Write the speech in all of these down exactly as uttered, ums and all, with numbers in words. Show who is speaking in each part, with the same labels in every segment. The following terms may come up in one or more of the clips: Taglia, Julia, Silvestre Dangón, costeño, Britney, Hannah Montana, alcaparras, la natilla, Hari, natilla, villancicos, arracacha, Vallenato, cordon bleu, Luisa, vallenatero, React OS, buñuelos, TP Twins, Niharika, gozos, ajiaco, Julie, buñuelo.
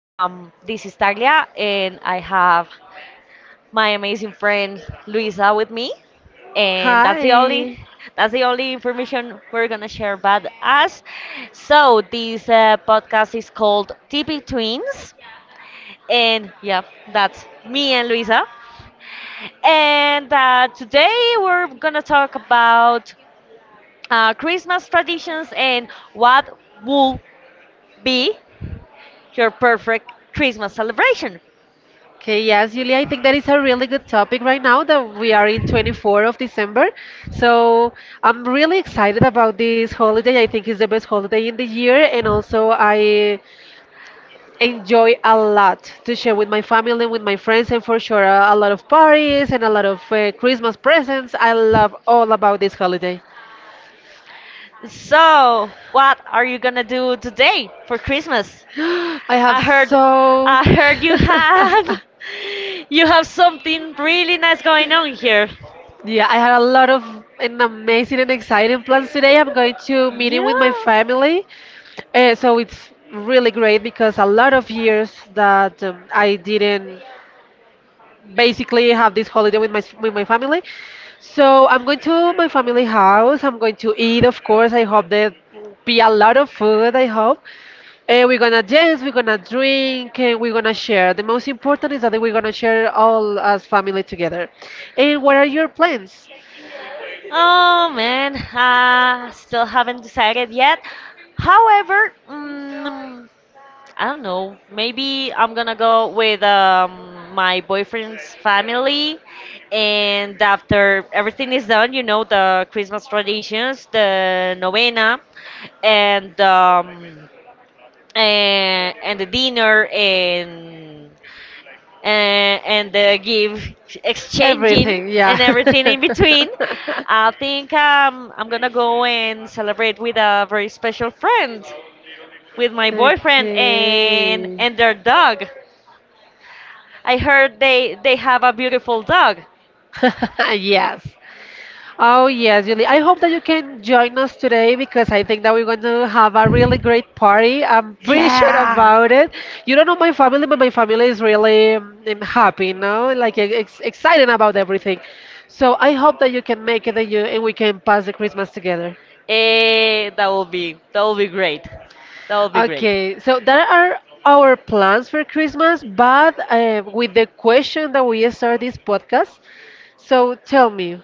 Speaker 1: Um, this is Taglia, and I have my amazing friend Luisa with me. And that's the only
Speaker 2: Hi.
Speaker 1: that's the only information we're gonna share about us. So this uh, podcast is called T P Twins, and yeah, that's me and Luisa. And uh, today we're gonna talk about uh, Christmas traditions and what would be your perfect Christmas celebration.
Speaker 2: Okay, yes, Julia, I think that is a really good topic right now that we are in twenty-fourth of December. So I'm really excited about this holiday. I think it's the best holiday in the year, and also I enjoy a lot to share with my family, with my friends, and for sure a, a lot of parties and a lot of uh, Christmas presents. I love all about this holiday.
Speaker 1: So, what are you gonna do today for Christmas?
Speaker 2: I have
Speaker 1: I heard,
Speaker 2: so.
Speaker 1: I heard you have, you have something really nice going on here.
Speaker 2: Yeah, I had a lot of an amazing and exciting plans today. I'm going to meeting with my
Speaker 1: Yeah.
Speaker 2: family, uh, so it's really great because a lot of years that um, I didn't basically have this holiday with my with my family. So I'm going to my family house. I'm going to eat, of course. I hope there be a lot of food. I hope. And we're gonna dance, we're gonna drink, and we're gonna share. The most important is that we're gonna share all as family together. And what are your plans?
Speaker 1: Oh man, I still haven't decided yet. However, mm I don't know. Maybe I'm gonna go with um, my boyfriend's family, and after everything is done, you know, the Christmas traditions, the novena, and um, and, and the dinner, and and, and the give exchanging
Speaker 2: Everything, yeah.
Speaker 1: and everything in between. I think um, I'm gonna go and celebrate with a very special friend with my boyfriend and
Speaker 2: Okay.
Speaker 1: and their dog. I heard they they have a beautiful dog.
Speaker 2: Yes. Oh, yes, Julie. I hope that you can join us today because I think that we're going to have a really great party. I'm pretty sure
Speaker 1: Yeah,
Speaker 2: about it. You don't know my family, but my family is really um, um, happy, you know, like e-, ex excited about everything. So I hope that you can make it and, you, and we can pass the Christmas together.
Speaker 1: eh, that will be that will be great. That will be great.
Speaker 2: Okay, so that are our plans for Christmas, but uh, with the question that we start this podcast. So tell me,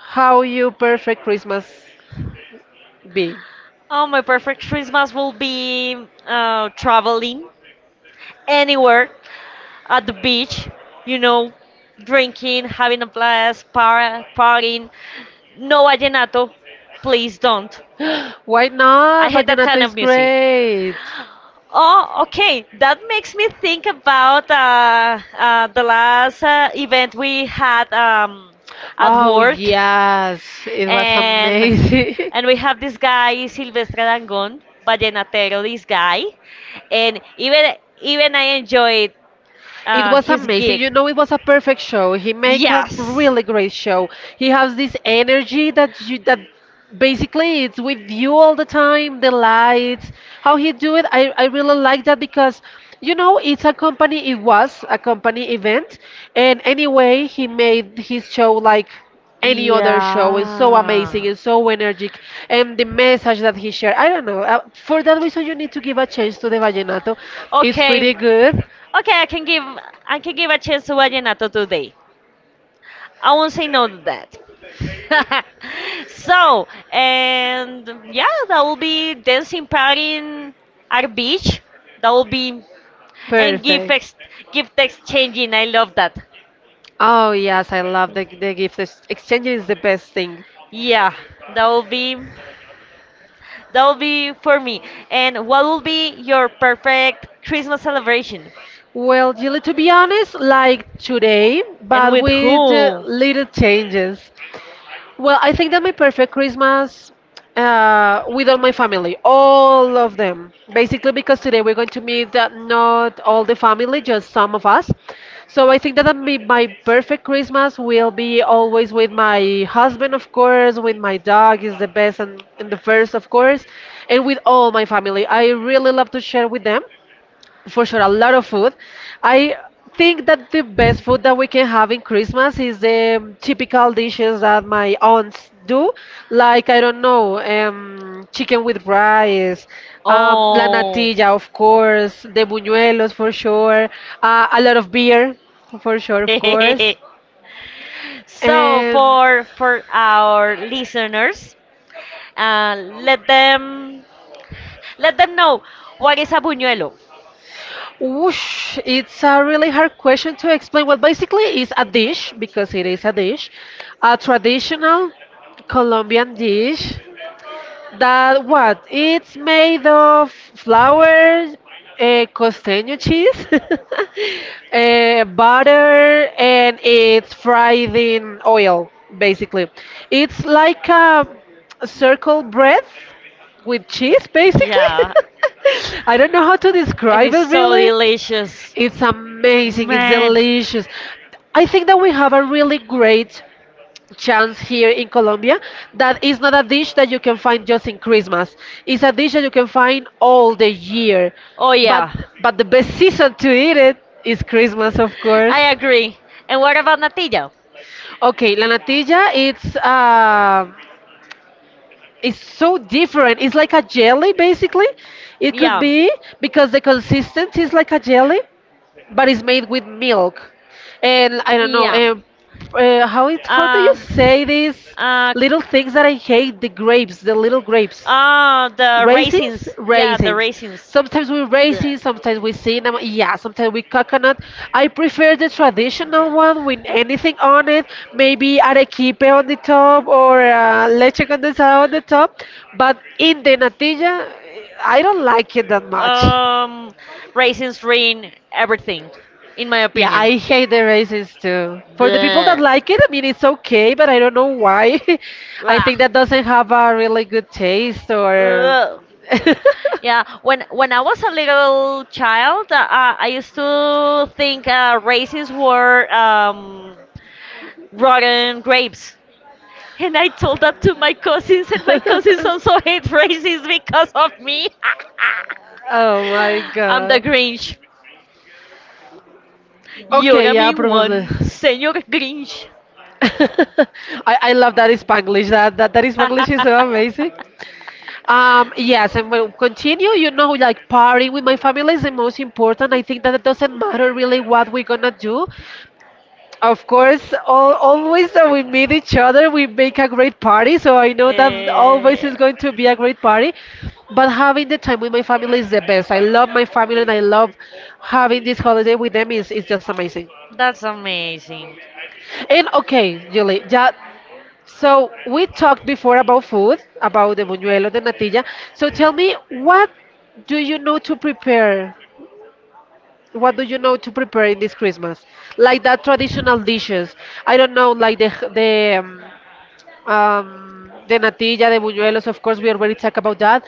Speaker 2: how you perfect Christmas be?
Speaker 1: Oh, my perfect Christmas will be uh, traveling anywhere at the beach. You know, drinking, having a blast, par- partying. No vallenato, please don't.
Speaker 2: Why
Speaker 1: I
Speaker 2: not?
Speaker 1: hate that
Speaker 2: Vallenato
Speaker 1: kind of
Speaker 2: is
Speaker 1: music.
Speaker 2: great.
Speaker 1: Oh, okay. That makes me think about uh, uh, the last uh, event we had um, at
Speaker 2: Oh
Speaker 1: work,
Speaker 2: yes, it was
Speaker 1: and
Speaker 2: amazing.
Speaker 1: and we have this guy Silvestre Dangón, vallenatero. This guy, and even even I enjoyed
Speaker 2: It
Speaker 1: uh,
Speaker 2: was
Speaker 1: his
Speaker 2: amazing. You
Speaker 1: gig.
Speaker 2: know, it was a perfect show. He make a
Speaker 1: Yes.
Speaker 2: really great show. He has this energy that you that basically it's with you all the time. The lights, how he do it. I I really like that because you know it's a company. It was a company event, and anyway, he made his show like any other show is so amazing
Speaker 1: Yeah.
Speaker 2: and so energetic, and the message that he shared, I don't know, uh, for that reason you need to give a chance to the vallenato. It's
Speaker 1: Okay,
Speaker 2: pretty good.
Speaker 1: okay, I can give I can give a chance to Vallenato today. I won't say no to that. So and yeah, that will be dancing party in our beach. That will be and gift
Speaker 2: Perfect.
Speaker 1: ex, gift exchanging. I love that.
Speaker 2: Oh yes, I love the the gift ex- exchange is the best thing.
Speaker 1: Yeah, that will be that will be for me. And what will be your perfect Christmas celebration?
Speaker 2: Well, Julie, to be honest, like today,
Speaker 1: And
Speaker 2: but
Speaker 1: with
Speaker 2: with uh,
Speaker 1: whom?
Speaker 2: little changes. Well, I think that my perfect Christmas uh, with all my family, all of them, basically because today we're going to meet uh, not all the family, just some of us. So I think that my, my perfect Christmas will be always with my husband, of course, with my dog is the best and, and the first, of course, and with all my family. I really love to share with them for sure a lot of food. I think that the best food that we can have in Christmas is the um, typical dishes that my aunts do, like I don't know, um, chicken with rice, um, la
Speaker 1: Oh.
Speaker 2: natilla, of course, the buñuelos for sure, uh, a lot of beer for sure, of course.
Speaker 1: So
Speaker 2: Um,
Speaker 1: for for our listeners, uh, let them let them know what is a buñuelo.
Speaker 2: Whoosh, it's a really hard question to explain. Well, basically, it's a dish because it is a dish, a traditional Colombian dish that what? It's made of flour, uh, costeño cheese, uh, butter, and it's fried in oil, basically. It's like a circle bread with cheese, basically.
Speaker 1: Yeah,
Speaker 2: I don't know how to
Speaker 1: and
Speaker 2: describe
Speaker 1: it's
Speaker 2: it
Speaker 1: so
Speaker 2: really.
Speaker 1: delicious,
Speaker 2: It's amazing, it's
Speaker 1: man.
Speaker 2: delicious. I think that we have a really great chance here in Colombia that is not a dish that you can find just in Christmas. It's a dish that you can find all the year.
Speaker 1: Oh
Speaker 2: But
Speaker 1: yeah,
Speaker 2: but the best season to eat it is Christmas, of course.
Speaker 1: I agree. And what about natilla?
Speaker 2: Okay, la natilla, it's uh, it's so different. It's like a jelly, basically. It could
Speaker 1: Yeah.
Speaker 2: be because the consistency is like a jelly, but it's made with milk, and I don't know.
Speaker 1: Yeah.
Speaker 2: Um, uh, how it, how do you
Speaker 1: Uh,
Speaker 2: say these
Speaker 1: uh,
Speaker 2: little things that I hate? The grapes, the little grapes,
Speaker 1: uh, the
Speaker 2: raisins,
Speaker 1: raisins. Yeah, the
Speaker 2: raisins.
Speaker 1: raisins.
Speaker 2: Sometimes we
Speaker 1: The,
Speaker 2: raisins, sometimes we cinnamon. Yeah, sometimes we coconut. I prefer the traditional one with anything on it. Maybe arequipe on the top or uh, leche condensada on the top. But in the natilla, I don't like it that much.
Speaker 1: um, Raisins ruin everything, in my
Speaker 2: Yeah,
Speaker 1: opinion.
Speaker 2: I hate the races too. For the people that
Speaker 1: The,
Speaker 2: like it, I mean, it's okay, but I don't know why. I
Speaker 1: ah.
Speaker 2: think that doesn't have a really good taste or.
Speaker 1: Ugh. Yeah, when when I was a little child, uh, I used to think uh, raisins were um, rotten grapes, and I told that to my cousins, and my cousins also hate raisins because of me.
Speaker 2: Oh my
Speaker 1: I'm the
Speaker 2: god.
Speaker 1: Grinch. You're
Speaker 2: Okay,
Speaker 1: a
Speaker 2: yeah,
Speaker 1: mean
Speaker 2: probably.
Speaker 1: one, Senor Grinch.
Speaker 2: I, I love that is Spanglish. That that that is Spanglish is so amazing. Um, yes, and we'll continue. You know, like partying with my family is the most important. I think that it doesn't matter really what we're gonna do. Of course, all, always that we meet each other, we make a great party. So I know that always
Speaker 1: Eh,
Speaker 2: is going to be a great party. But having the time with my family is the best. I love my family and I love having this holiday with them is, is just amazing.
Speaker 1: That's amazing.
Speaker 2: And okay, Julie, yeah, so we talked before about food, about the buñuelo, the natilla. So tell me, what do you know to prepare? What do you know to prepare in this Christmas? Like that traditional dishes. I don't know, like the the um, um, the natilla, the buñuelos. Of course, we already talked about that.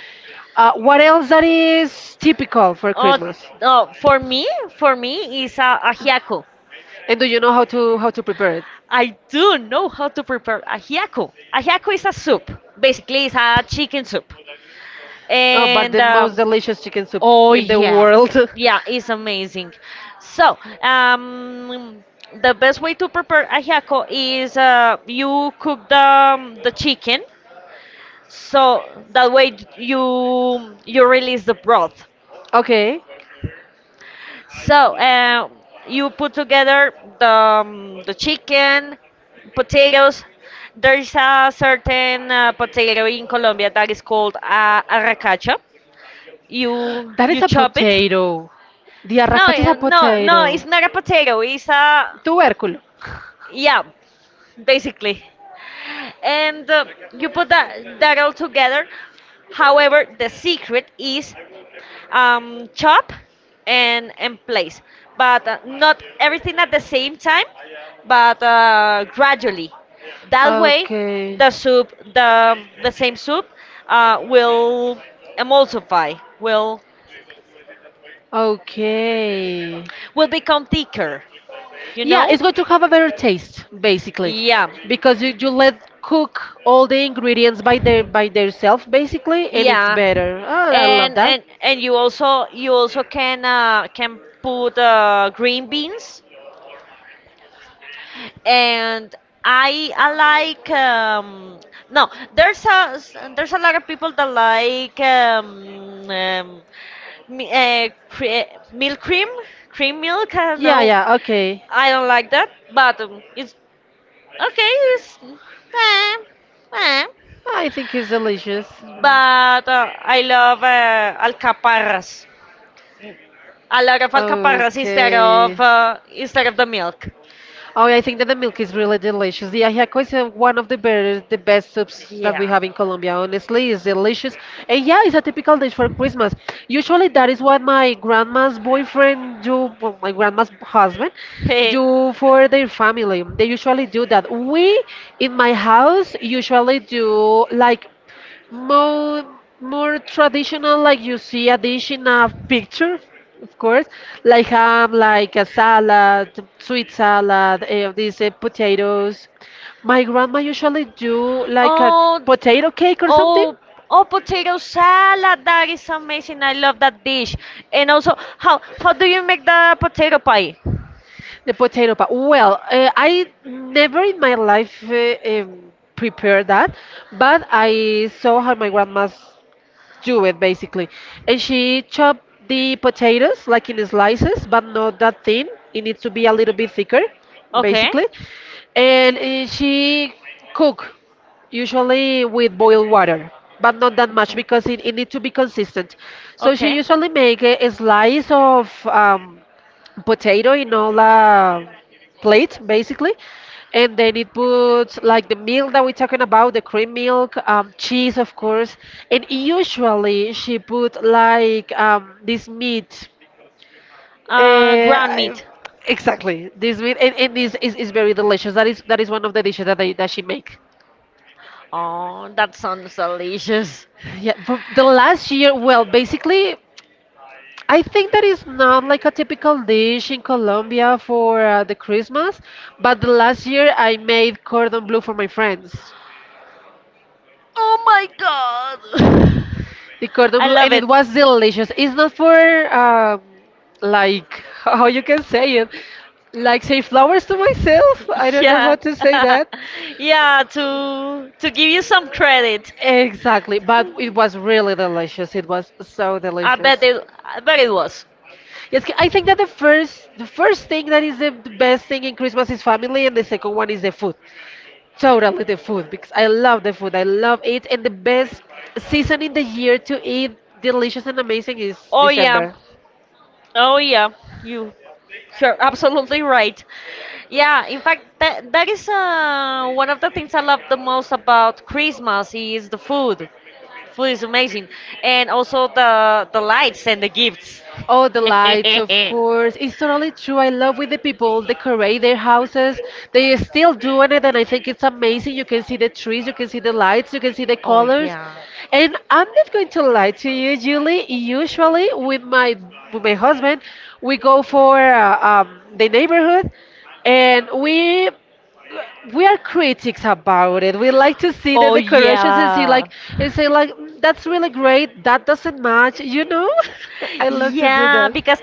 Speaker 2: Uh, what else that is typical for
Speaker 1: Oh,
Speaker 2: Christmas?
Speaker 1: oh for me, for me is a ajiaco.
Speaker 2: And do you know how to how to prepare it?
Speaker 1: I do know how to prepare ajiaco. Ajiaco is a soup. Basically, it's a chicken soup.
Speaker 2: Oh, but
Speaker 1: And
Speaker 2: the most
Speaker 1: um,
Speaker 2: delicious chicken soup
Speaker 1: oh
Speaker 2: in the
Speaker 1: yeah,
Speaker 2: world.
Speaker 1: yeah, it's amazing. So um, the best way to prepare ajiaco is uh, you cook the um, the chicken so that way you you release the broth,
Speaker 2: Okay.
Speaker 1: so uh, you put together the, um, the chicken, potatoes. There's a certain uh, potato in Colombia that is called uh, arracacha. You
Speaker 2: That
Speaker 1: you
Speaker 2: is a
Speaker 1: chop it.
Speaker 2: potato. The
Speaker 1: no
Speaker 2: arracacha is a
Speaker 1: uh, no no
Speaker 2: potato.
Speaker 1: it's not a potato, it's a
Speaker 2: Tubérculo.
Speaker 1: yeah, basically. And uh, you put that that all together. However, the secret is um, chop and and place, but uh, not everything at the same time, but uh, gradually. That way,
Speaker 2: Okay.
Speaker 1: the soup, the the same soup, uh, will emulsify, will
Speaker 2: Okay.
Speaker 1: will become thicker. You
Speaker 2: Yeah,
Speaker 1: know?
Speaker 2: it's going to have a better taste, basically,
Speaker 1: Yeah,
Speaker 2: because you, you let cook all the ingredients by their by themselves, basically, and it's
Speaker 1: yeah.
Speaker 2: better. Oh, I love
Speaker 1: And
Speaker 2: that.
Speaker 1: and and you also you also can uh, can put uh, green beans and I I like um, no, there's a s- there's a lot of people that like um, um, mi- uh, cre- milk cream, cream milk, I don't
Speaker 2: Yeah,
Speaker 1: know.
Speaker 2: yeah, okay.
Speaker 1: I don't like that, but um, it's okay, it's eh, eh.
Speaker 2: I think it's delicious.
Speaker 1: but uh, I love uh, alcaparras, a lot of alcaparras instead of uh, instead of the milk.
Speaker 2: Oh, yeah, I think that the milk is really delicious. The ajiaco is uh, one of the better, the best soups that
Speaker 1: Yeah.
Speaker 2: we have in Colombia. Honestly, it's delicious. And yeah, it's a typical dish for Christmas. Usually, that is what my grandma's boyfriend do, well, my grandma's husband
Speaker 1: Hey.
Speaker 2: do for their family. They usually do that. We in my house usually do like more more traditional, like you see a dish in a picture, of course, like ham, like a salad, sweet salad, eh, these eh, potatoes. My grandma usually do like a
Speaker 1: Oh,
Speaker 2: potato cake or something.
Speaker 1: Oh, oh, potato salad. That is amazing. I love that dish. And also, how how do you make the potato pie?
Speaker 2: The potato pie, well, uh, I never in my life uh, um, prepared that, but I saw how my grandma's do it, basically. And she chopped the potatoes like in slices, but not that thin. It needs to be a little bit thicker,
Speaker 1: Okay.
Speaker 2: basically. And eh, she cook usually with boiled water, but not that much
Speaker 1: Okay.
Speaker 2: because it, it needs to be consistent. So she
Speaker 1: Okay.
Speaker 2: usually make a, a slice of um, potato in all. Uh, plate basically, and then it puts like the milk that we're talking about, the cream milk, um, cheese, of course, and usually she put like um, this meat,
Speaker 1: Uh, ground
Speaker 2: uh,
Speaker 1: meat.
Speaker 2: exactly this meat, and, and this is, is very delicious. That is that is one of the dishes that, they, that she make.
Speaker 1: Oh, that sounds delicious.
Speaker 2: Yeah, but the last year, well, basically I think that is not like a typical dish in Colombia for uh, the Christmas, but the last year I made cordon bleu for my friends.
Speaker 1: Oh my god.
Speaker 2: The cordon
Speaker 1: I
Speaker 2: bleu,
Speaker 1: love
Speaker 2: and it
Speaker 1: it.
Speaker 2: was delicious. It's not for um, like how you can say it, like say flowers to myself. I don't know how
Speaker 1: Yeah.
Speaker 2: to say that
Speaker 1: Yeah, to to give you some credit.
Speaker 2: exactly, but it was really delicious. It was so
Speaker 1: I
Speaker 2: delicious.
Speaker 1: bet it I bet it was.
Speaker 2: Yes, I think that the first the first thing that is the the best thing in Christmas is family, and the second one is the food. Totally the food because I love the food. I love it, and the best season in the year to eat delicious and amazing is
Speaker 1: Oh yeah.
Speaker 2: December.
Speaker 1: Oh yeah, you you're absolutely right. Yeah, in fact, that that is uh, one of the things I love the most about Christmas is the food. Food is amazing, and also the the lights and the gifts.
Speaker 2: Oh, the lights, of course. It's totally true. I love when the people decorate their houses. They are still doing it, and I think it's amazing. You can see the trees, you can see the lights, you can see the
Speaker 1: Oh
Speaker 2: colors.
Speaker 1: yeah.
Speaker 2: And I'm not going to lie to you, Julie. Usually, with my with my husband, we go for uh, um, the neighborhood, and we we are critics about it. We like to see the
Speaker 1: Oh like
Speaker 2: decorations and see,
Speaker 1: yeah.
Speaker 2: like, and say, like, "Mm, that's really great. That doesn't match." You know, I love to do
Speaker 1: Yeah,
Speaker 2: that.
Speaker 1: because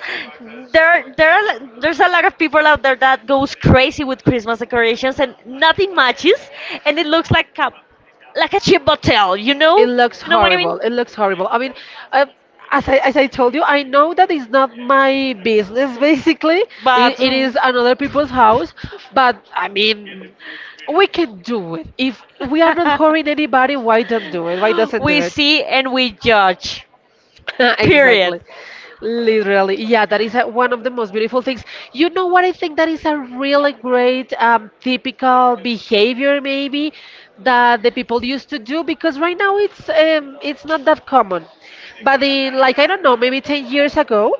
Speaker 1: there there are, li- there's a lot of people out there that goes crazy with Christmas decorations and nothing matches and it looks like a like a cheap motel, you
Speaker 2: It
Speaker 1: know?
Speaker 2: looks
Speaker 1: You know what I mean?
Speaker 2: horrible. It looks horrible. I mean, uh, as I as I told you, I know that it's not my business. Basically,
Speaker 1: But
Speaker 2: it, it is
Speaker 1: decorations
Speaker 2: another people's house. But I mean, we can do it. If we are not hurting anybody, why don't do it? Why doesn't do
Speaker 1: we
Speaker 2: it?
Speaker 1: see and we judge. Period.
Speaker 2: Exactly. Literally. Yeah, that is uh one of the most beautiful things. You know what? I think that is a really great um, typical behavior, maybe, that the people used to do because right now it's um, it's not that common. But in like I don't know, maybe ten years ago,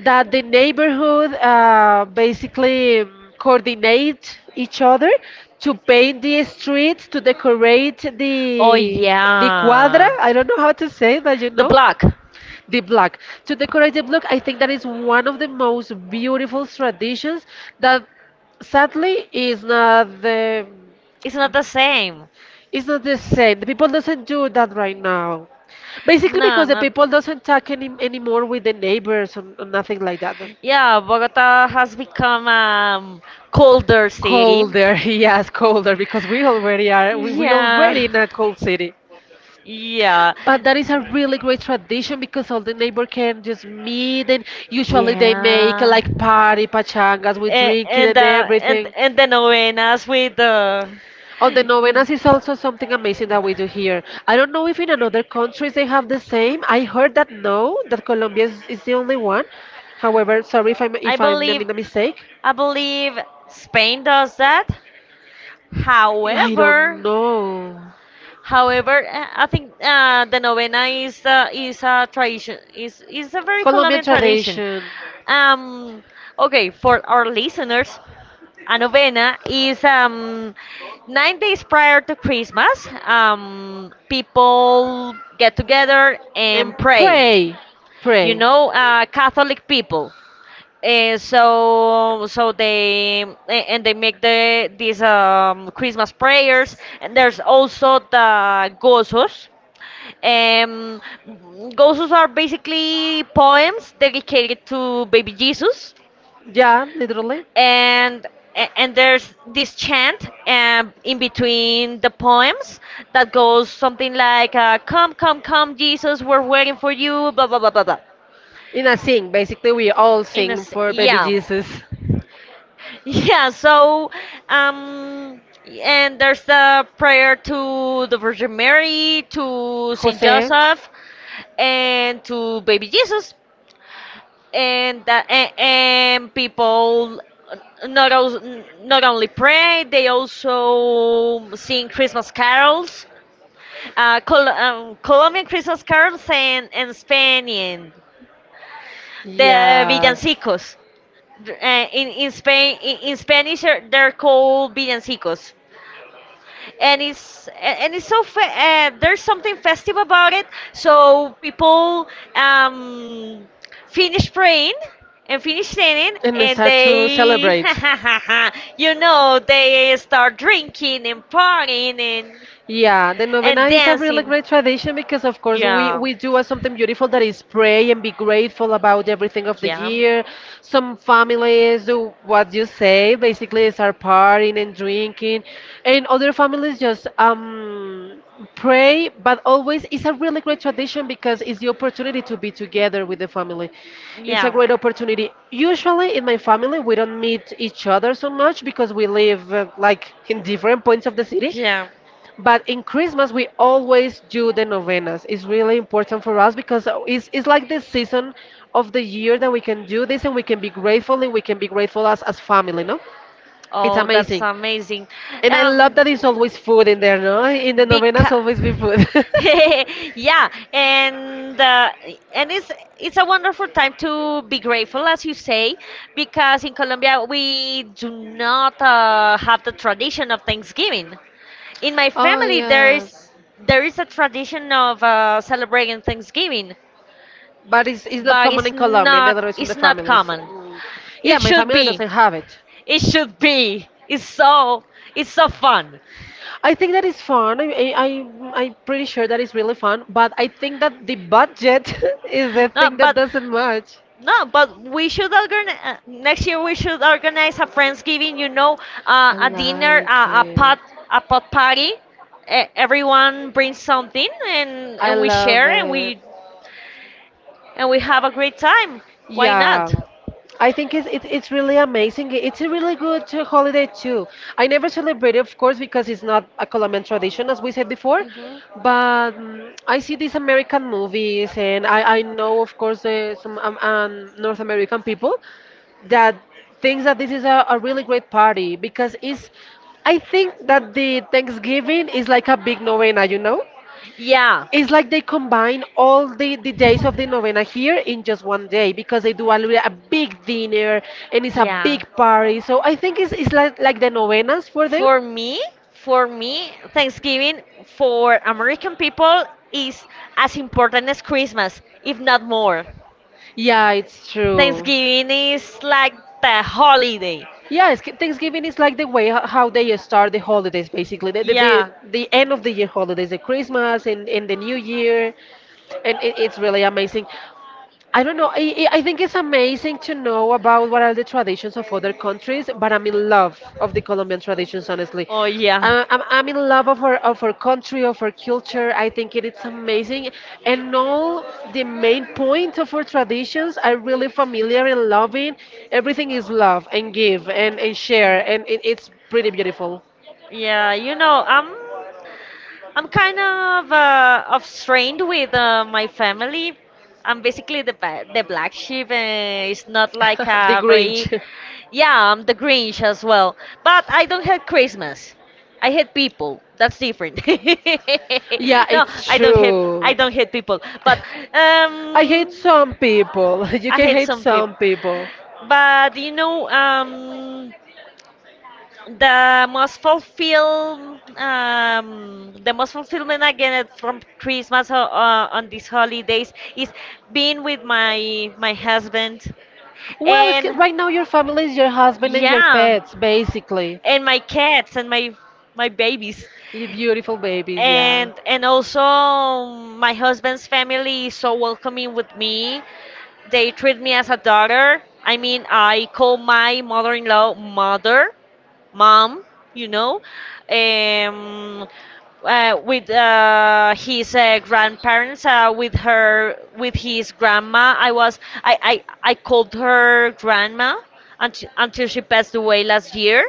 Speaker 2: that the neighborhood uh, basically um, coordinate each other to paint the streets, to decorate
Speaker 1: Oh
Speaker 2: the the cuadra.
Speaker 1: yeah.
Speaker 2: I don't know how to say that, you
Speaker 1: The
Speaker 2: know.
Speaker 1: black.
Speaker 2: The black. To decorate the block, I think that is one of the most beautiful traditions that sadly is not the
Speaker 1: It's not the same.
Speaker 2: is not the same. The people doesn't do that right now. Basically
Speaker 1: No,
Speaker 2: because the
Speaker 1: not.
Speaker 2: people doesn't talk any, anymore with the neighbors or, or nothing like that.
Speaker 1: Yeah, Bogota has become a um, colder city.
Speaker 2: Colder, yes, colder because we already are we, we
Speaker 1: Yeah,
Speaker 2: already in a cold city.
Speaker 1: yeah.
Speaker 2: But that is a really great tradition because all the neighbor can just meet and usually they make
Speaker 1: Yeah.
Speaker 2: like party pachangas with
Speaker 1: And
Speaker 2: drinking
Speaker 1: and
Speaker 2: and
Speaker 1: uh, and
Speaker 2: everything.
Speaker 1: and the novenas with the.
Speaker 2: On the novenas is also something amazing that we do here. I don't know if in another countries they have the same. I heard that no, that Colombia is, is the only one. However, sorry if I'm
Speaker 1: I
Speaker 2: if I'm
Speaker 1: believe
Speaker 2: making a mistake.
Speaker 1: I believe Spain does that.
Speaker 2: I don't
Speaker 1: However,
Speaker 2: know.
Speaker 1: However, uh, I think uh, the novena is uh, is a tradition, is is a very
Speaker 2: Colombian
Speaker 1: Colombian tradition.
Speaker 2: tradition.
Speaker 1: Um, okay, for our listeners, a novena is um, nine days prior to Christmas. Um, people get together
Speaker 2: And
Speaker 1: and pray.
Speaker 2: pray.
Speaker 1: You
Speaker 2: Pray.
Speaker 1: know, uh, Catholic people. Uh, so so they a- and they make the these um, Christmas prayers, and there's also the gozos. Um, gozos are basically poems dedicated to baby Jesus,
Speaker 2: Yeah, literally.
Speaker 1: and a- and there's this chant um, in between the poems that goes something like uh, come come come Jesus we're waiting for you blah blah blah blah blah.
Speaker 2: In a sing. Basically, we all
Speaker 1: In a
Speaker 2: sing
Speaker 1: s
Speaker 2: for baby
Speaker 1: yeah.
Speaker 2: Jesus.
Speaker 1: Yeah, so um and there's the prayer to the Virgin Mary, to Saint
Speaker 2: Jose.
Speaker 1: Joseph, and to baby Jesus. And that and, and people not al- not only pray, they also sing Christmas carols. Uh, Col- um, Colombian Christmas carols and and Spanish, the
Speaker 2: Yes.
Speaker 1: villancicos. Uh, in in Spain in, in Spanish uh, they're called villancicos. And it's a- and it's so fe- uh, there's something festive about it, so people um finish praying and finish singing
Speaker 2: And
Speaker 1: and
Speaker 2: start to
Speaker 1: they
Speaker 2: celebrate.
Speaker 1: you know they start drinking and partying and
Speaker 2: Yeah, the novena
Speaker 1: and
Speaker 2: is a really
Speaker 1: dancing,
Speaker 2: great tradition because, of course, we,
Speaker 1: yeah,
Speaker 2: we do uh, something beautiful that is pray and be grateful about everything of the
Speaker 1: yeah,
Speaker 2: year. Some families do what you say, basically, start partying and drinking, and other families just um, pray. But always, it's a really great tradition because it's the opportunity to be together with the family. It's a
Speaker 1: yeah,
Speaker 2: great opportunity. Usually, in my family, we don't meet each other so much because we live uh, like in different points of the city.
Speaker 1: yeah.
Speaker 2: But in Christmas, we always do the novenas. It's really important for us because it's, it's like the season of the year that we can do this and we can be grateful and we can be grateful as, as family, no? It's
Speaker 1: Oh, that's
Speaker 2: amazing.
Speaker 1: amazing.
Speaker 2: And I love
Speaker 1: Um,
Speaker 2: that it's always food in there, no? In the
Speaker 1: Beca
Speaker 2: novenas, always be food.
Speaker 1: Yeah, and uh, and it's it's a wonderful time to be grateful, as you say, because in Colombia we do not uh, have the tradition of Thanksgiving. In my
Speaker 2: Oh,
Speaker 1: family, there is
Speaker 2: yes.
Speaker 1: there is a tradition of uh, celebrating Thanksgiving,
Speaker 2: But it's, it's not
Speaker 1: but
Speaker 2: common
Speaker 1: it's
Speaker 2: in Colombia and the
Speaker 1: not
Speaker 2: other is in the
Speaker 1: it's not
Speaker 2: families.
Speaker 1: common.
Speaker 2: Mm. Yeah,
Speaker 1: It
Speaker 2: my
Speaker 1: should
Speaker 2: family
Speaker 1: be.
Speaker 2: doesn't have it.
Speaker 1: It should be. It's so it's so fun.
Speaker 2: I think that is fun. I, I, I- I'm pretty sure that is really fun, but I think that the budget is the
Speaker 1: No,
Speaker 2: thing that
Speaker 1: but
Speaker 2: doesn't match.
Speaker 1: no, but we should organize uh, next year. We should organize a Friendsgiving. You know, uh,
Speaker 2: I
Speaker 1: a dinner,
Speaker 2: like
Speaker 1: uh, a pot,
Speaker 2: it.
Speaker 1: a pot party. E- everyone brings something, and
Speaker 2: I
Speaker 1: and we
Speaker 2: love
Speaker 1: share, and
Speaker 2: it.
Speaker 1: we and we have a great time. Why not?
Speaker 2: Yeah, I think it's it's it's really amazing. It's a really good uh, holiday too. I never celebrate it, of course, because it's not a Colombian tradition, as we said before.
Speaker 1: Mhm.
Speaker 2: But mm, I see these American movies, and I I know, of course, uh, some um, um, North American people that thinks that this is a, a really great party because it's. I think that the Thanksgiving is like a big novena, you know?
Speaker 1: Yeah.
Speaker 2: It's like they combine all the, the days of the novena here in just one day because they do a, li- a big dinner and it's a
Speaker 1: Yeah.
Speaker 2: big party. So I think it's, it's like, like the novenas for them.
Speaker 1: For me, for me, Thanksgiving for American people is as important as Christmas, if not more.
Speaker 2: Yeah, it's true.
Speaker 1: Thanksgiving is like the holiday.
Speaker 2: Yes, Ki- Thanksgiving is like the way ho- how they start the holidays, basically. The, the,
Speaker 1: Yeah.
Speaker 2: the, the end of the year holidays, the Christmas and, and the New Year. And it, it's really amazing. I don't know. I, I I think it's amazing to know about what are the traditions of other countries, but I'm in love of the Colombian traditions, honestly.
Speaker 1: Oh yeah.
Speaker 2: Uh, I'm, I'm in love of our, of our country, of our culture. I think it is amazing. And all the main point of our traditions are really familiar and loving. Everything is love and give and, and share, and it, it's pretty beautiful.
Speaker 1: Yeah, you know, I'm I'm kind of uh, of strained with uh, my family. I'm basically the ba- the black sheep. Uh, it's not like
Speaker 2: The
Speaker 1: a very
Speaker 2: Grinch.
Speaker 1: yeah. I'm the Grinch as well, but I don't hate Christmas. I hate people. That's different.
Speaker 2: Yeah,
Speaker 1: No,
Speaker 2: it's
Speaker 1: I don't hate
Speaker 2: true.
Speaker 1: I don't hate people, but
Speaker 2: I hate
Speaker 1: um,
Speaker 2: some people. You
Speaker 1: I
Speaker 2: can
Speaker 1: hate
Speaker 2: hate
Speaker 1: some people.
Speaker 2: some people.
Speaker 1: But you know um. The most fulfilled, um, the most fulfillment I get from Christmas uh, uh, on these holidays is being with my my husband,
Speaker 2: Well, it's, ki-
Speaker 1: and
Speaker 2: right now your family is your husband and your
Speaker 1: yeah,
Speaker 2: pets, basically.
Speaker 1: and my cats and my my babies,
Speaker 2: You beautiful babies, yeah.
Speaker 1: and and also my husband's family is so welcoming with me. They treat me as a daughter. I mean, I call my mother-in-law mother mom, you know, um, uh, with uh, his uh, grandparents, uh, with her, with his grandma. I was, I, I, I called her grandma until, until she passed away last year,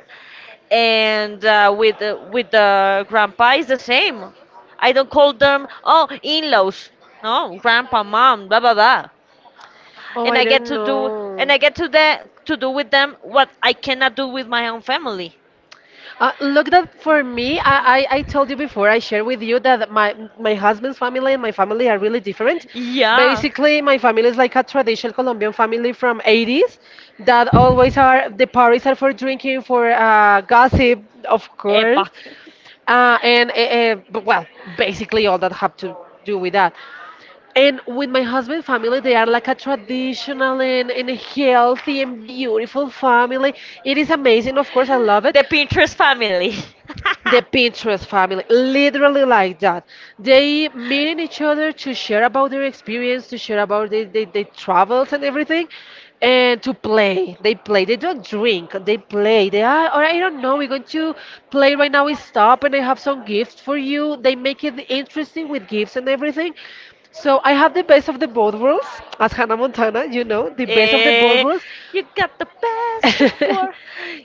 Speaker 1: and uh, with uh, with the grandpa is the same. I don't call them oh in-laws. No, grandpa, mom, blah blah blah.
Speaker 2: Oh,
Speaker 1: And
Speaker 2: I
Speaker 1: I get
Speaker 2: don't
Speaker 1: to do,
Speaker 2: know.
Speaker 1: and I get to the to do with them what I cannot do with my own family.
Speaker 2: Uh, look, that for me, I, I, I told you before, I shared with you that my, my husband's family and my family are really different.
Speaker 1: Yeah.
Speaker 2: Basically, my family is like a traditional Colombian family from eighties that always are, the parties are for drinking, for uh, gossip, of
Speaker 1: Epa.
Speaker 2: course. Uh, and, uh, uh, b- well, basically all that have to do with that. And with my husband family, they are like a traditional and, and a healthy and beautiful family. It is amazing, of course, I love it.
Speaker 1: The Pinterest family.
Speaker 2: The Pinterest family, literally like that. They meeting each other to share about their experience, to share about their, their, their travels and everything, and to play. They play. They don't drink. They play. They are, or I don't know, we're going to play right now. We stop and I have some gifts for you. They make it interesting with gifts and everything. So I have the best of the both worlds, as Hannah Montana, you know, the best of the both
Speaker 1: Eh,
Speaker 2: worlds.
Speaker 1: you got the best of war.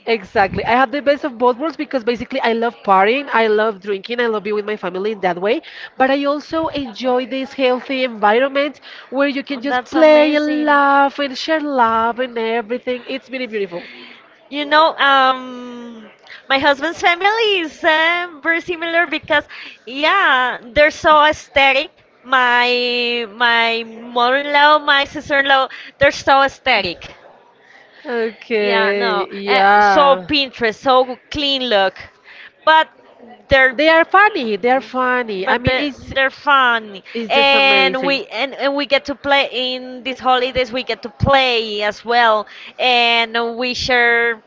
Speaker 2: Exactly. I have the best of both worlds because basically I love partying, I love drinking, I love being with my family in that way, but I also enjoy this healthy environment where you can just
Speaker 1: That's
Speaker 2: play and
Speaker 1: amazing.
Speaker 2: laugh and share love and everything. It's really beautiful.
Speaker 1: You know, um, my husband's family is uh, very similar because, yeah, they're so aesthetic. My my mother-in-law, my sister-in-law, they're so aesthetic. Yeah, no,
Speaker 2: Okay,
Speaker 1: uh, so
Speaker 2: yeah.
Speaker 1: Pinterest, so clean look, but they're
Speaker 2: They are funny. They are funny. I
Speaker 1: but
Speaker 2: mean,
Speaker 1: they're,
Speaker 2: it's
Speaker 1: they're fun,
Speaker 2: it's just
Speaker 1: and
Speaker 2: amazing.
Speaker 1: we and, and we get to play in these holidays, we get to play as well, and we share,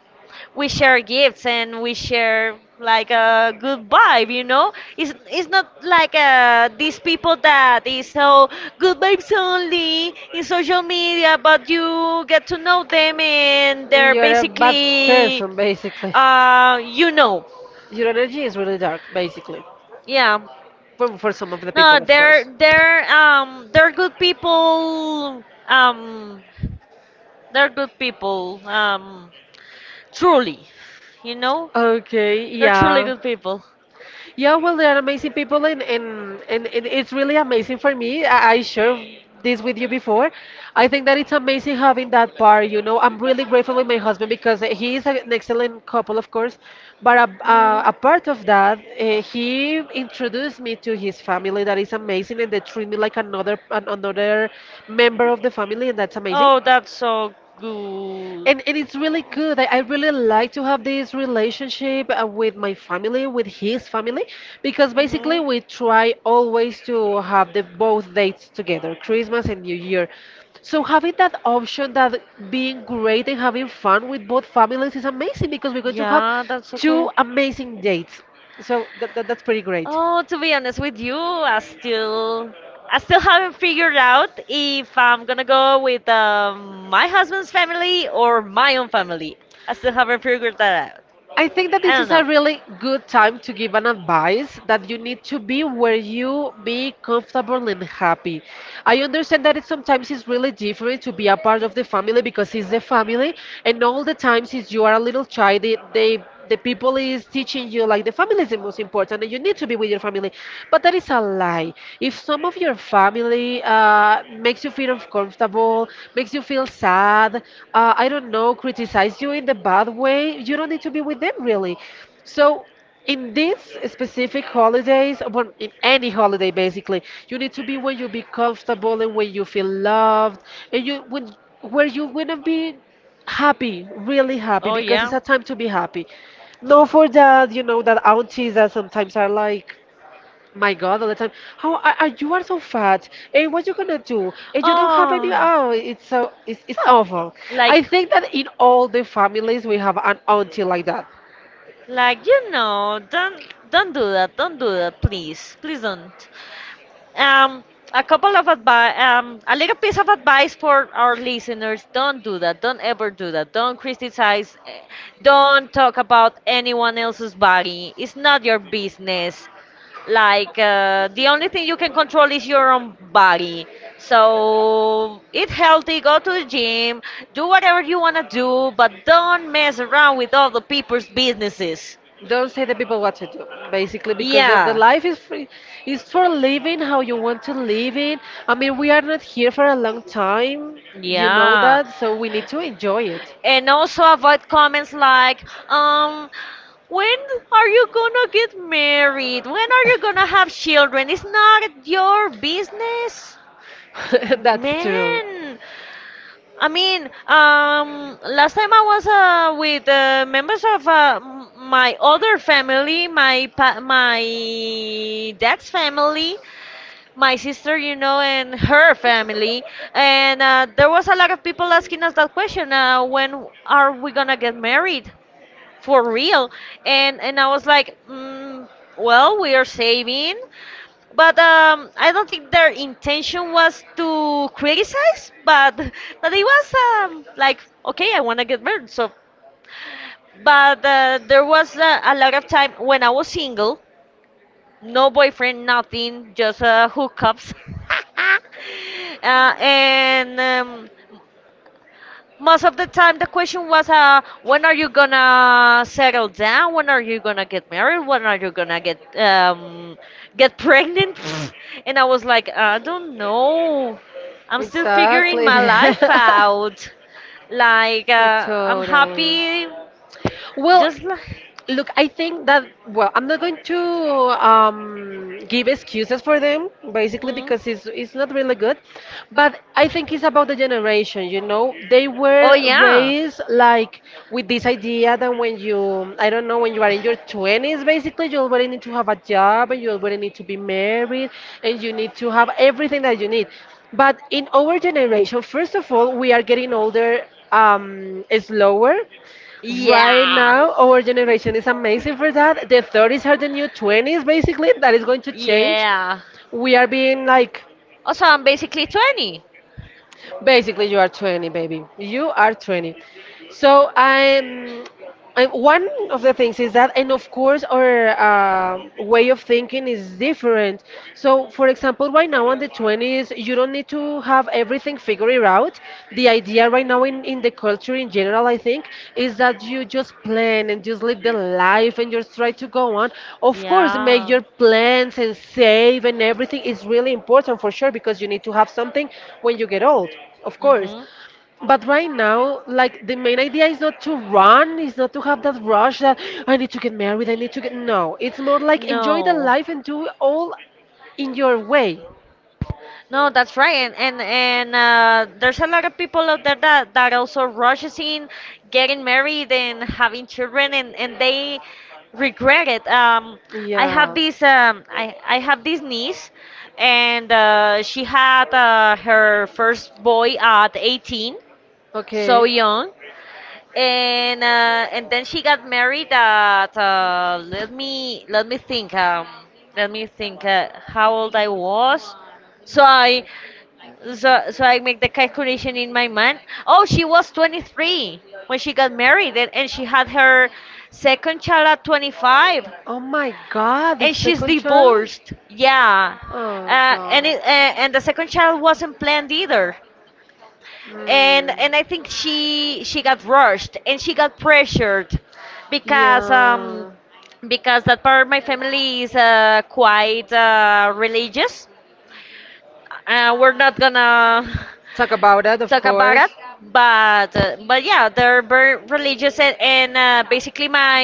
Speaker 1: we share gifts, and we share like a good vibe, you know. it's it's not like uh these people that is so good vibes only in social media, but you get to know them and they're
Speaker 2: You're a bad
Speaker 1: basically
Speaker 2: person, basically.
Speaker 1: uh you know,
Speaker 2: Your energy is really dark, basically.
Speaker 1: yeah.
Speaker 2: For, for some of the
Speaker 1: No,
Speaker 2: people, of
Speaker 1: they're
Speaker 2: course.
Speaker 1: they're um they're good people. Um, they're good people. Um, truly, you know,
Speaker 2: Okay,
Speaker 1: they're truly
Speaker 2: yeah.
Speaker 1: good people.
Speaker 2: Yeah, well, they are amazing people, and, and, and, and it's really amazing for me. I, I shared this with you before. I think that it's amazing having that part. You know, I'm really grateful with my husband because he is an excellent couple, of course. But a, uh, a part of that, uh, he introduced me to his family. That is amazing, and they treat me like another an, another member of the family, and that's amazing.
Speaker 1: Oh, that's so good.
Speaker 2: And, and it's really good. I, I really like to have this relationship uh, with my family, with his family, because basically
Speaker 1: Hmm.
Speaker 2: we try always to have the both dates together, Christmas and New Year. So having that option that being great and having fun with both families is amazing because we're going to have
Speaker 1: Yeah, that's so
Speaker 2: two
Speaker 1: cool.
Speaker 2: amazing dates. So that, that, that's pretty great.
Speaker 1: Oh, to be honest with you, I still I still haven't figured out if I'm gonna go with um, my husband's family or my own family. I still haven't figured that out.
Speaker 2: I think that
Speaker 1: I
Speaker 2: this
Speaker 1: don't
Speaker 2: is a
Speaker 1: know.
Speaker 2: really good time to give an advice that you need to be where you be comfortable and happy. I understand that it sometimes is really different to be a part of the family because it's the family, and all the times since you are a little child, they, they the people is teaching you like the family is the most important and you need to be with your family but that is a lie if some of your family uh, makes you feel uncomfortable makes you feel sad uh, I don't know criticize you in the bad way you don't need to be with them really so in these specific holidays, well, in any holiday basically, you need to be where you be comfortable and where you feel loved, and you when where you wanna be happy, really happy,
Speaker 1: Oh
Speaker 2: because it's
Speaker 1: yeah.
Speaker 2: a time to be happy. Not for that, you know, that aunties that sometimes are like, my God, all the time, how are, are you are so fat, and what you gonna do, and you don't have any.
Speaker 1: Oh,
Speaker 2: Oh, it's so it's it's
Speaker 1: fuck.
Speaker 2: awful. I
Speaker 1: Like,
Speaker 2: think that in all the families we have an auntie like that.
Speaker 1: like you know, don't don't do that. Don't do that, please. Please don't. Um, a couple of advice, um, a little piece of advice for our listeners: don't do that. Don't ever do that. Don't criticize. eh, Don't talk about anyone else's body. It's not your business. Like uh, the only thing you can control is your own body. So eat healthy, go to the gym, do whatever you wanna do, but don't mess around with other people's businesses.
Speaker 2: Don't say the people what to do, basically, because the, the
Speaker 1: Yeah.
Speaker 2: life is free, is for living how you want to live it. I mean, we are not here for a long time, you know
Speaker 1: Yeah.
Speaker 2: that, so we need to enjoy it.
Speaker 1: And also avoid comments like, um, when are you gonna get married? When are you gonna have children? It's not your business.
Speaker 2: That's true.
Speaker 1: Man, I mean, um, last time I was uh, with uh, members of uh, m- my other family, my pa- my dad's family, my sister, you know, and her family, and uh, there was a lot of people asking us that question: uh, when are we gonna get married? For real. And and I was like, mm, well, we are saving, but um, I don't think their intention was to criticize, but but it was, um, like, okay, I want to get married, so. But uh, there was uh, a lot of time when I was single. No boyfriend, nothing, just uh, hookups. uh, and um, Most of the time the question was, uh, when are you gonna settle down, when are you gonna get married, when are you gonna get um, get pregnant? And I was like, I don't know, I'm still figuring my
Speaker 2: Exactly.
Speaker 1: life out. like uh, I'm
Speaker 2: Totally.
Speaker 1: happy.
Speaker 2: Well,
Speaker 1: Just like.
Speaker 2: look, I think that, well, I'm not going to um, give excuses for them, basically,
Speaker 1: Mm.
Speaker 2: because it's, it's not really good. But I think it's about the generation, you know? They
Speaker 1: Oh
Speaker 2: were
Speaker 1: yeah,
Speaker 2: raised like with this idea that when you, I don't know, when you are in your twenties, basically, you already need to have a job and you already need to be married and you need to have everything that you need. But in our generation, first of all, we are getting older um, slower. Right
Speaker 1: yeah,
Speaker 2: now, our generation is amazing for that. The thirties are the new twenties, basically. That is going to change.
Speaker 1: yeah.
Speaker 2: We are being like,
Speaker 1: Oh, so I'm basically twenty.
Speaker 2: basically, you are twenty, baby. You are twenty. So I'm. I, one of the things is that, and of course, our uh, way of thinking is different. So, for example, right now on the twenties, you don't need to have everything figured out. The idea right now in, in the culture in general, I think, is that you just plan and just live the life and just try to go on. Of course, make your plans and save and everything is really important for sure because you need to have something
Speaker 1: Of
Speaker 2: when you
Speaker 1: course.
Speaker 2: get old, of course.
Speaker 1: Mhm.
Speaker 2: But right now, like the main idea is not to run, is not to have that rush that I need to get married, I need to get. No, it's more like enjoy the life and do it all in your way.
Speaker 1: No, that's right, and and, and uh, there's a lot of people out there that, that also rushes in, getting married and having children, and, and they regret it. Um, I have
Speaker 2: Yeah.
Speaker 1: this um, I I have this niece, and uh, she had uh, her first boy at eighteen. So
Speaker 2: Okay.
Speaker 1: young. And uh, and then she got married at uh, let me let me think um let me think uh, how old I was. So I so so I make the calculation in my mind. Oh, she was twenty-three when she got married, and, and she had her second child at twenty-five,
Speaker 2: Oh my god, the
Speaker 1: and she's
Speaker 2: second child?
Speaker 1: divorced. Yeah.
Speaker 2: Oh
Speaker 1: uh, and
Speaker 2: god.
Speaker 1: it, uh, and the second child wasn't planned either. And and I think she she got rushed and she got pressured, because um because that part of my family is uh, quite uh, religious. Uh, we're not gonna
Speaker 2: Talk about that, of
Speaker 1: talk about
Speaker 2: course.
Speaker 1: it, but uh, but yeah, they're very religious, and, and uh, basically my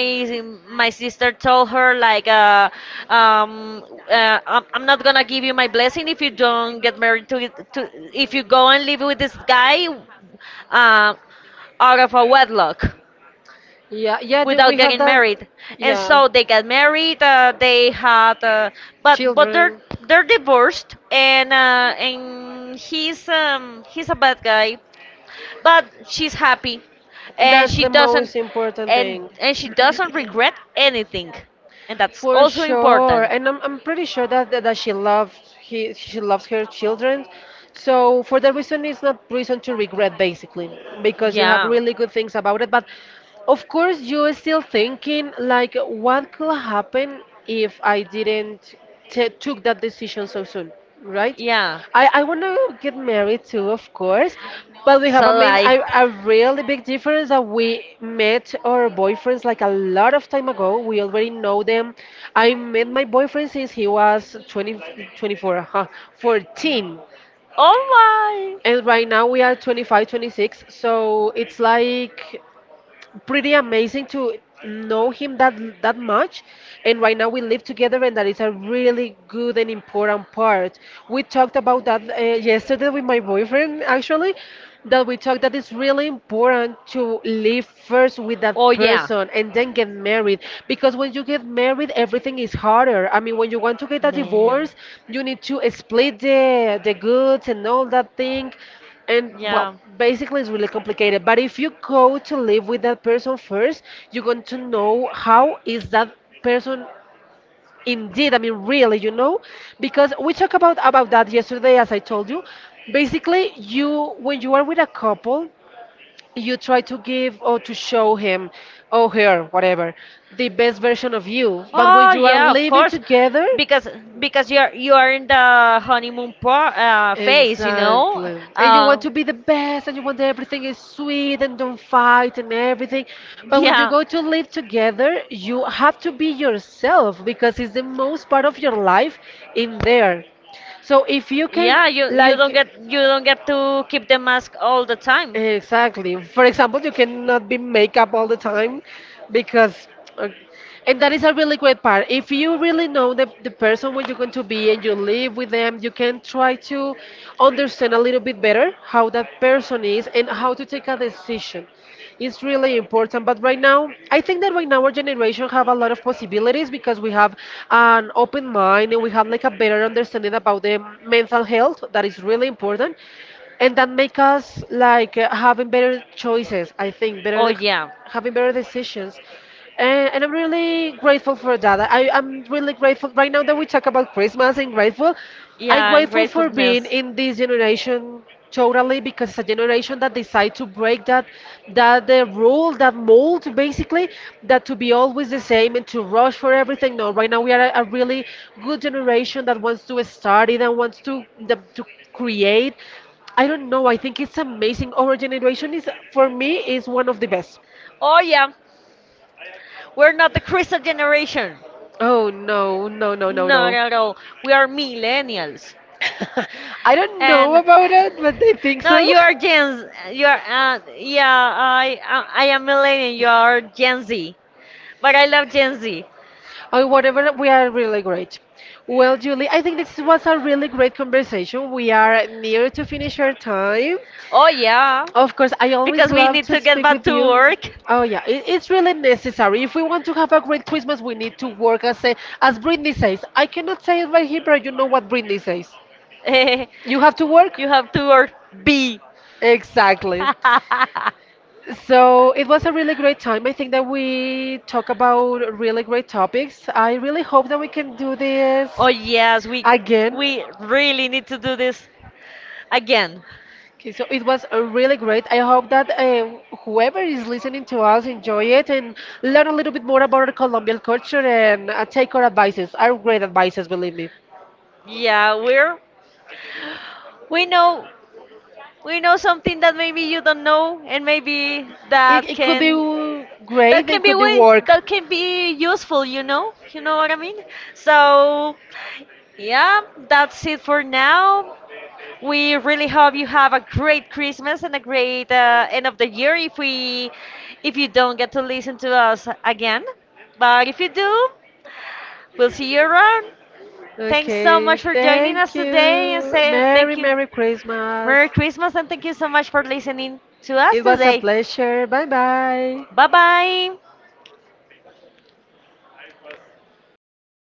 Speaker 1: my sister told her like, uh, um, uh, I'm I'm not gonna give you my blessing if you don't get married, to to if you go and live with this guy, uh, out of a wedlock,
Speaker 2: Yeah, yeah, do we
Speaker 1: without
Speaker 2: have
Speaker 1: getting
Speaker 2: that.
Speaker 1: married. And
Speaker 2: Yeah.
Speaker 1: so they got married. Uh, they had, uh, but but they're
Speaker 2: Children.
Speaker 1: they're divorced, and uh, and he's um he's a bad guy, but she's happy, and
Speaker 2: That's
Speaker 1: she
Speaker 2: the
Speaker 1: doesn't,
Speaker 2: most important
Speaker 1: and
Speaker 2: thing.
Speaker 1: and she doesn't regret anything, and that's
Speaker 2: For
Speaker 1: also
Speaker 2: sure,
Speaker 1: important.
Speaker 2: and I'm, I'm pretty sure that that that she loves he she loves her children. So for that reason, it's not reason to regret basically because you have
Speaker 1: Yeah.
Speaker 2: really good things about it. But of course, you are still thinking like, what could happen if I didn't t took that decision so soon, right?
Speaker 1: Yeah.
Speaker 2: I, I want to get married too, of course, but we have
Speaker 1: So
Speaker 2: a main
Speaker 1: I.
Speaker 2: a, a really big difference that we met our boyfriends like a lot of time ago. We already know them. I met my boyfriend since he was twenty, twenty-four, huh, fourteen.
Speaker 1: Oh
Speaker 2: And right now we are twenty five twenty six. So it's like pretty amazing to know him that that much, and right now we live together and that is a really good and important part. We
Speaker 1: my.
Speaker 2: talked about that uh, yesterday with my boyfriend, actually, that we talked that it's really important to live first with that
Speaker 1: Oh yeah,
Speaker 2: person and then get married, because when you get married everything is harder. I mean, when you want to get a
Speaker 1: man.
Speaker 2: divorce, you need to split the the goods and all that thing. And well,
Speaker 1: Yeah.
Speaker 2: basically, it's really complicated. But if you go to live with that person first, you're going to know how is that person indeed. I mean, really, you know, because we talked about about that yesterday, as I told you. Basically, you when you are with a couple, you try to give or to show him or her, whatever, the best version of you. But when
Speaker 1: Oh
Speaker 2: you are
Speaker 1: yeah, of
Speaker 2: living
Speaker 1: course,
Speaker 2: together,
Speaker 1: because because you're you are in the honeymoon pro, uh, phase, you know.
Speaker 2: exactly. And you
Speaker 1: Uh,
Speaker 2: want to be the best and you want everything is sweet and don't fight and everything. But when you
Speaker 1: yeah.
Speaker 2: go to live together, you have to be yourself because it's the most part of your life in there. So if you can
Speaker 1: Yeah, you you don't
Speaker 2: like,
Speaker 1: get, you don't get to keep the mask all the time.
Speaker 2: exactly. For example, you cannot be makeup all the time because, uh, and that is a really great part. If you really know the, the person where you're going to be and you live with them, you can try to understand a little bit better how that person is and how to take a decision. It's really important. But right now, I think that right now our generation have a lot of possibilities because we have an open mind and we have like a better understanding about the mental health that is really important and that make us like uh, having better choices, I think,
Speaker 1: Oh
Speaker 2: better
Speaker 1: yeah.
Speaker 2: having better decisions. and, and I'm really grateful for that. I, i'm really grateful right now that we talk about Christmas and grateful. I'm
Speaker 1: Yeah, and
Speaker 2: grateful for being
Speaker 1: gratefulness.
Speaker 2: in this generation totally because it's a generation that decide to break that that the rule, that mold basically, that to be always the same and to rush for everything. No, right now we are a, a really good generation that wants to study, that wants to that, to create. I don't know. I think it's amazing. Our generation is, for me, is one of the best.
Speaker 1: Oh yeah, we're not the crystal generation.
Speaker 2: Oh no, no, no, no,
Speaker 1: Not
Speaker 2: no.
Speaker 1: at all. We are millennials.
Speaker 2: I don't know
Speaker 1: And uh,
Speaker 2: about it, but I think
Speaker 1: No,
Speaker 2: so.
Speaker 1: you are Gen. You are uh, yeah. I I I am millennial. You are Gen Z, but I love Gen Z.
Speaker 2: Oh, whatever, we are really great. Well, Julie, I think this was a really great conversation. We are near to finish our time.
Speaker 1: Oh yeah,
Speaker 2: Of course, I always
Speaker 1: because we
Speaker 2: love
Speaker 1: need
Speaker 2: to
Speaker 1: to get
Speaker 2: speak
Speaker 1: back
Speaker 2: with
Speaker 1: to
Speaker 2: you.
Speaker 1: work.
Speaker 2: Oh yeah, it, it's really necessary. If we want to have a great Christmas, we need to work as a, as Britney says. I cannot say it right here, but you know what Britney says. You have to work.
Speaker 1: You have to work. B.
Speaker 2: Exactly. So it was a really great time. I think that we talk about really great topics. I really hope that we can do this
Speaker 1: Oh yes, we
Speaker 2: again.
Speaker 1: we really need to do this again.
Speaker 2: Okay, so it was uh, really great. I hope that uh, whoever is listening to us enjoy it and learn a little bit more about our Colombian culture and uh, take our advices. Our great advices, believe me.
Speaker 1: Yeah, we're we know, we know something that maybe you don't know, and maybe
Speaker 2: It,
Speaker 1: that
Speaker 2: it could be
Speaker 1: can, that
Speaker 2: great
Speaker 1: can
Speaker 2: and
Speaker 1: be
Speaker 2: could be
Speaker 1: way,
Speaker 2: work.
Speaker 1: that can be useful, you know, you know what I mean, so yeah, that's it for now. We really hope you have a great Christmas and a great uh, end of the year, if we, if you don't get to listen to us again, but if you do, we'll see you around. Thanks so
Speaker 2: Okay,
Speaker 1: much for joining
Speaker 2: thank
Speaker 1: us today, and
Speaker 2: you.
Speaker 1: say thank
Speaker 2: Merry,
Speaker 1: you.
Speaker 2: Merry Christmas.
Speaker 1: Merry Christmas, and thank you so much for listening to us
Speaker 2: It was a
Speaker 1: today.
Speaker 2: pleasure. Bye bye.
Speaker 1: Bye bye.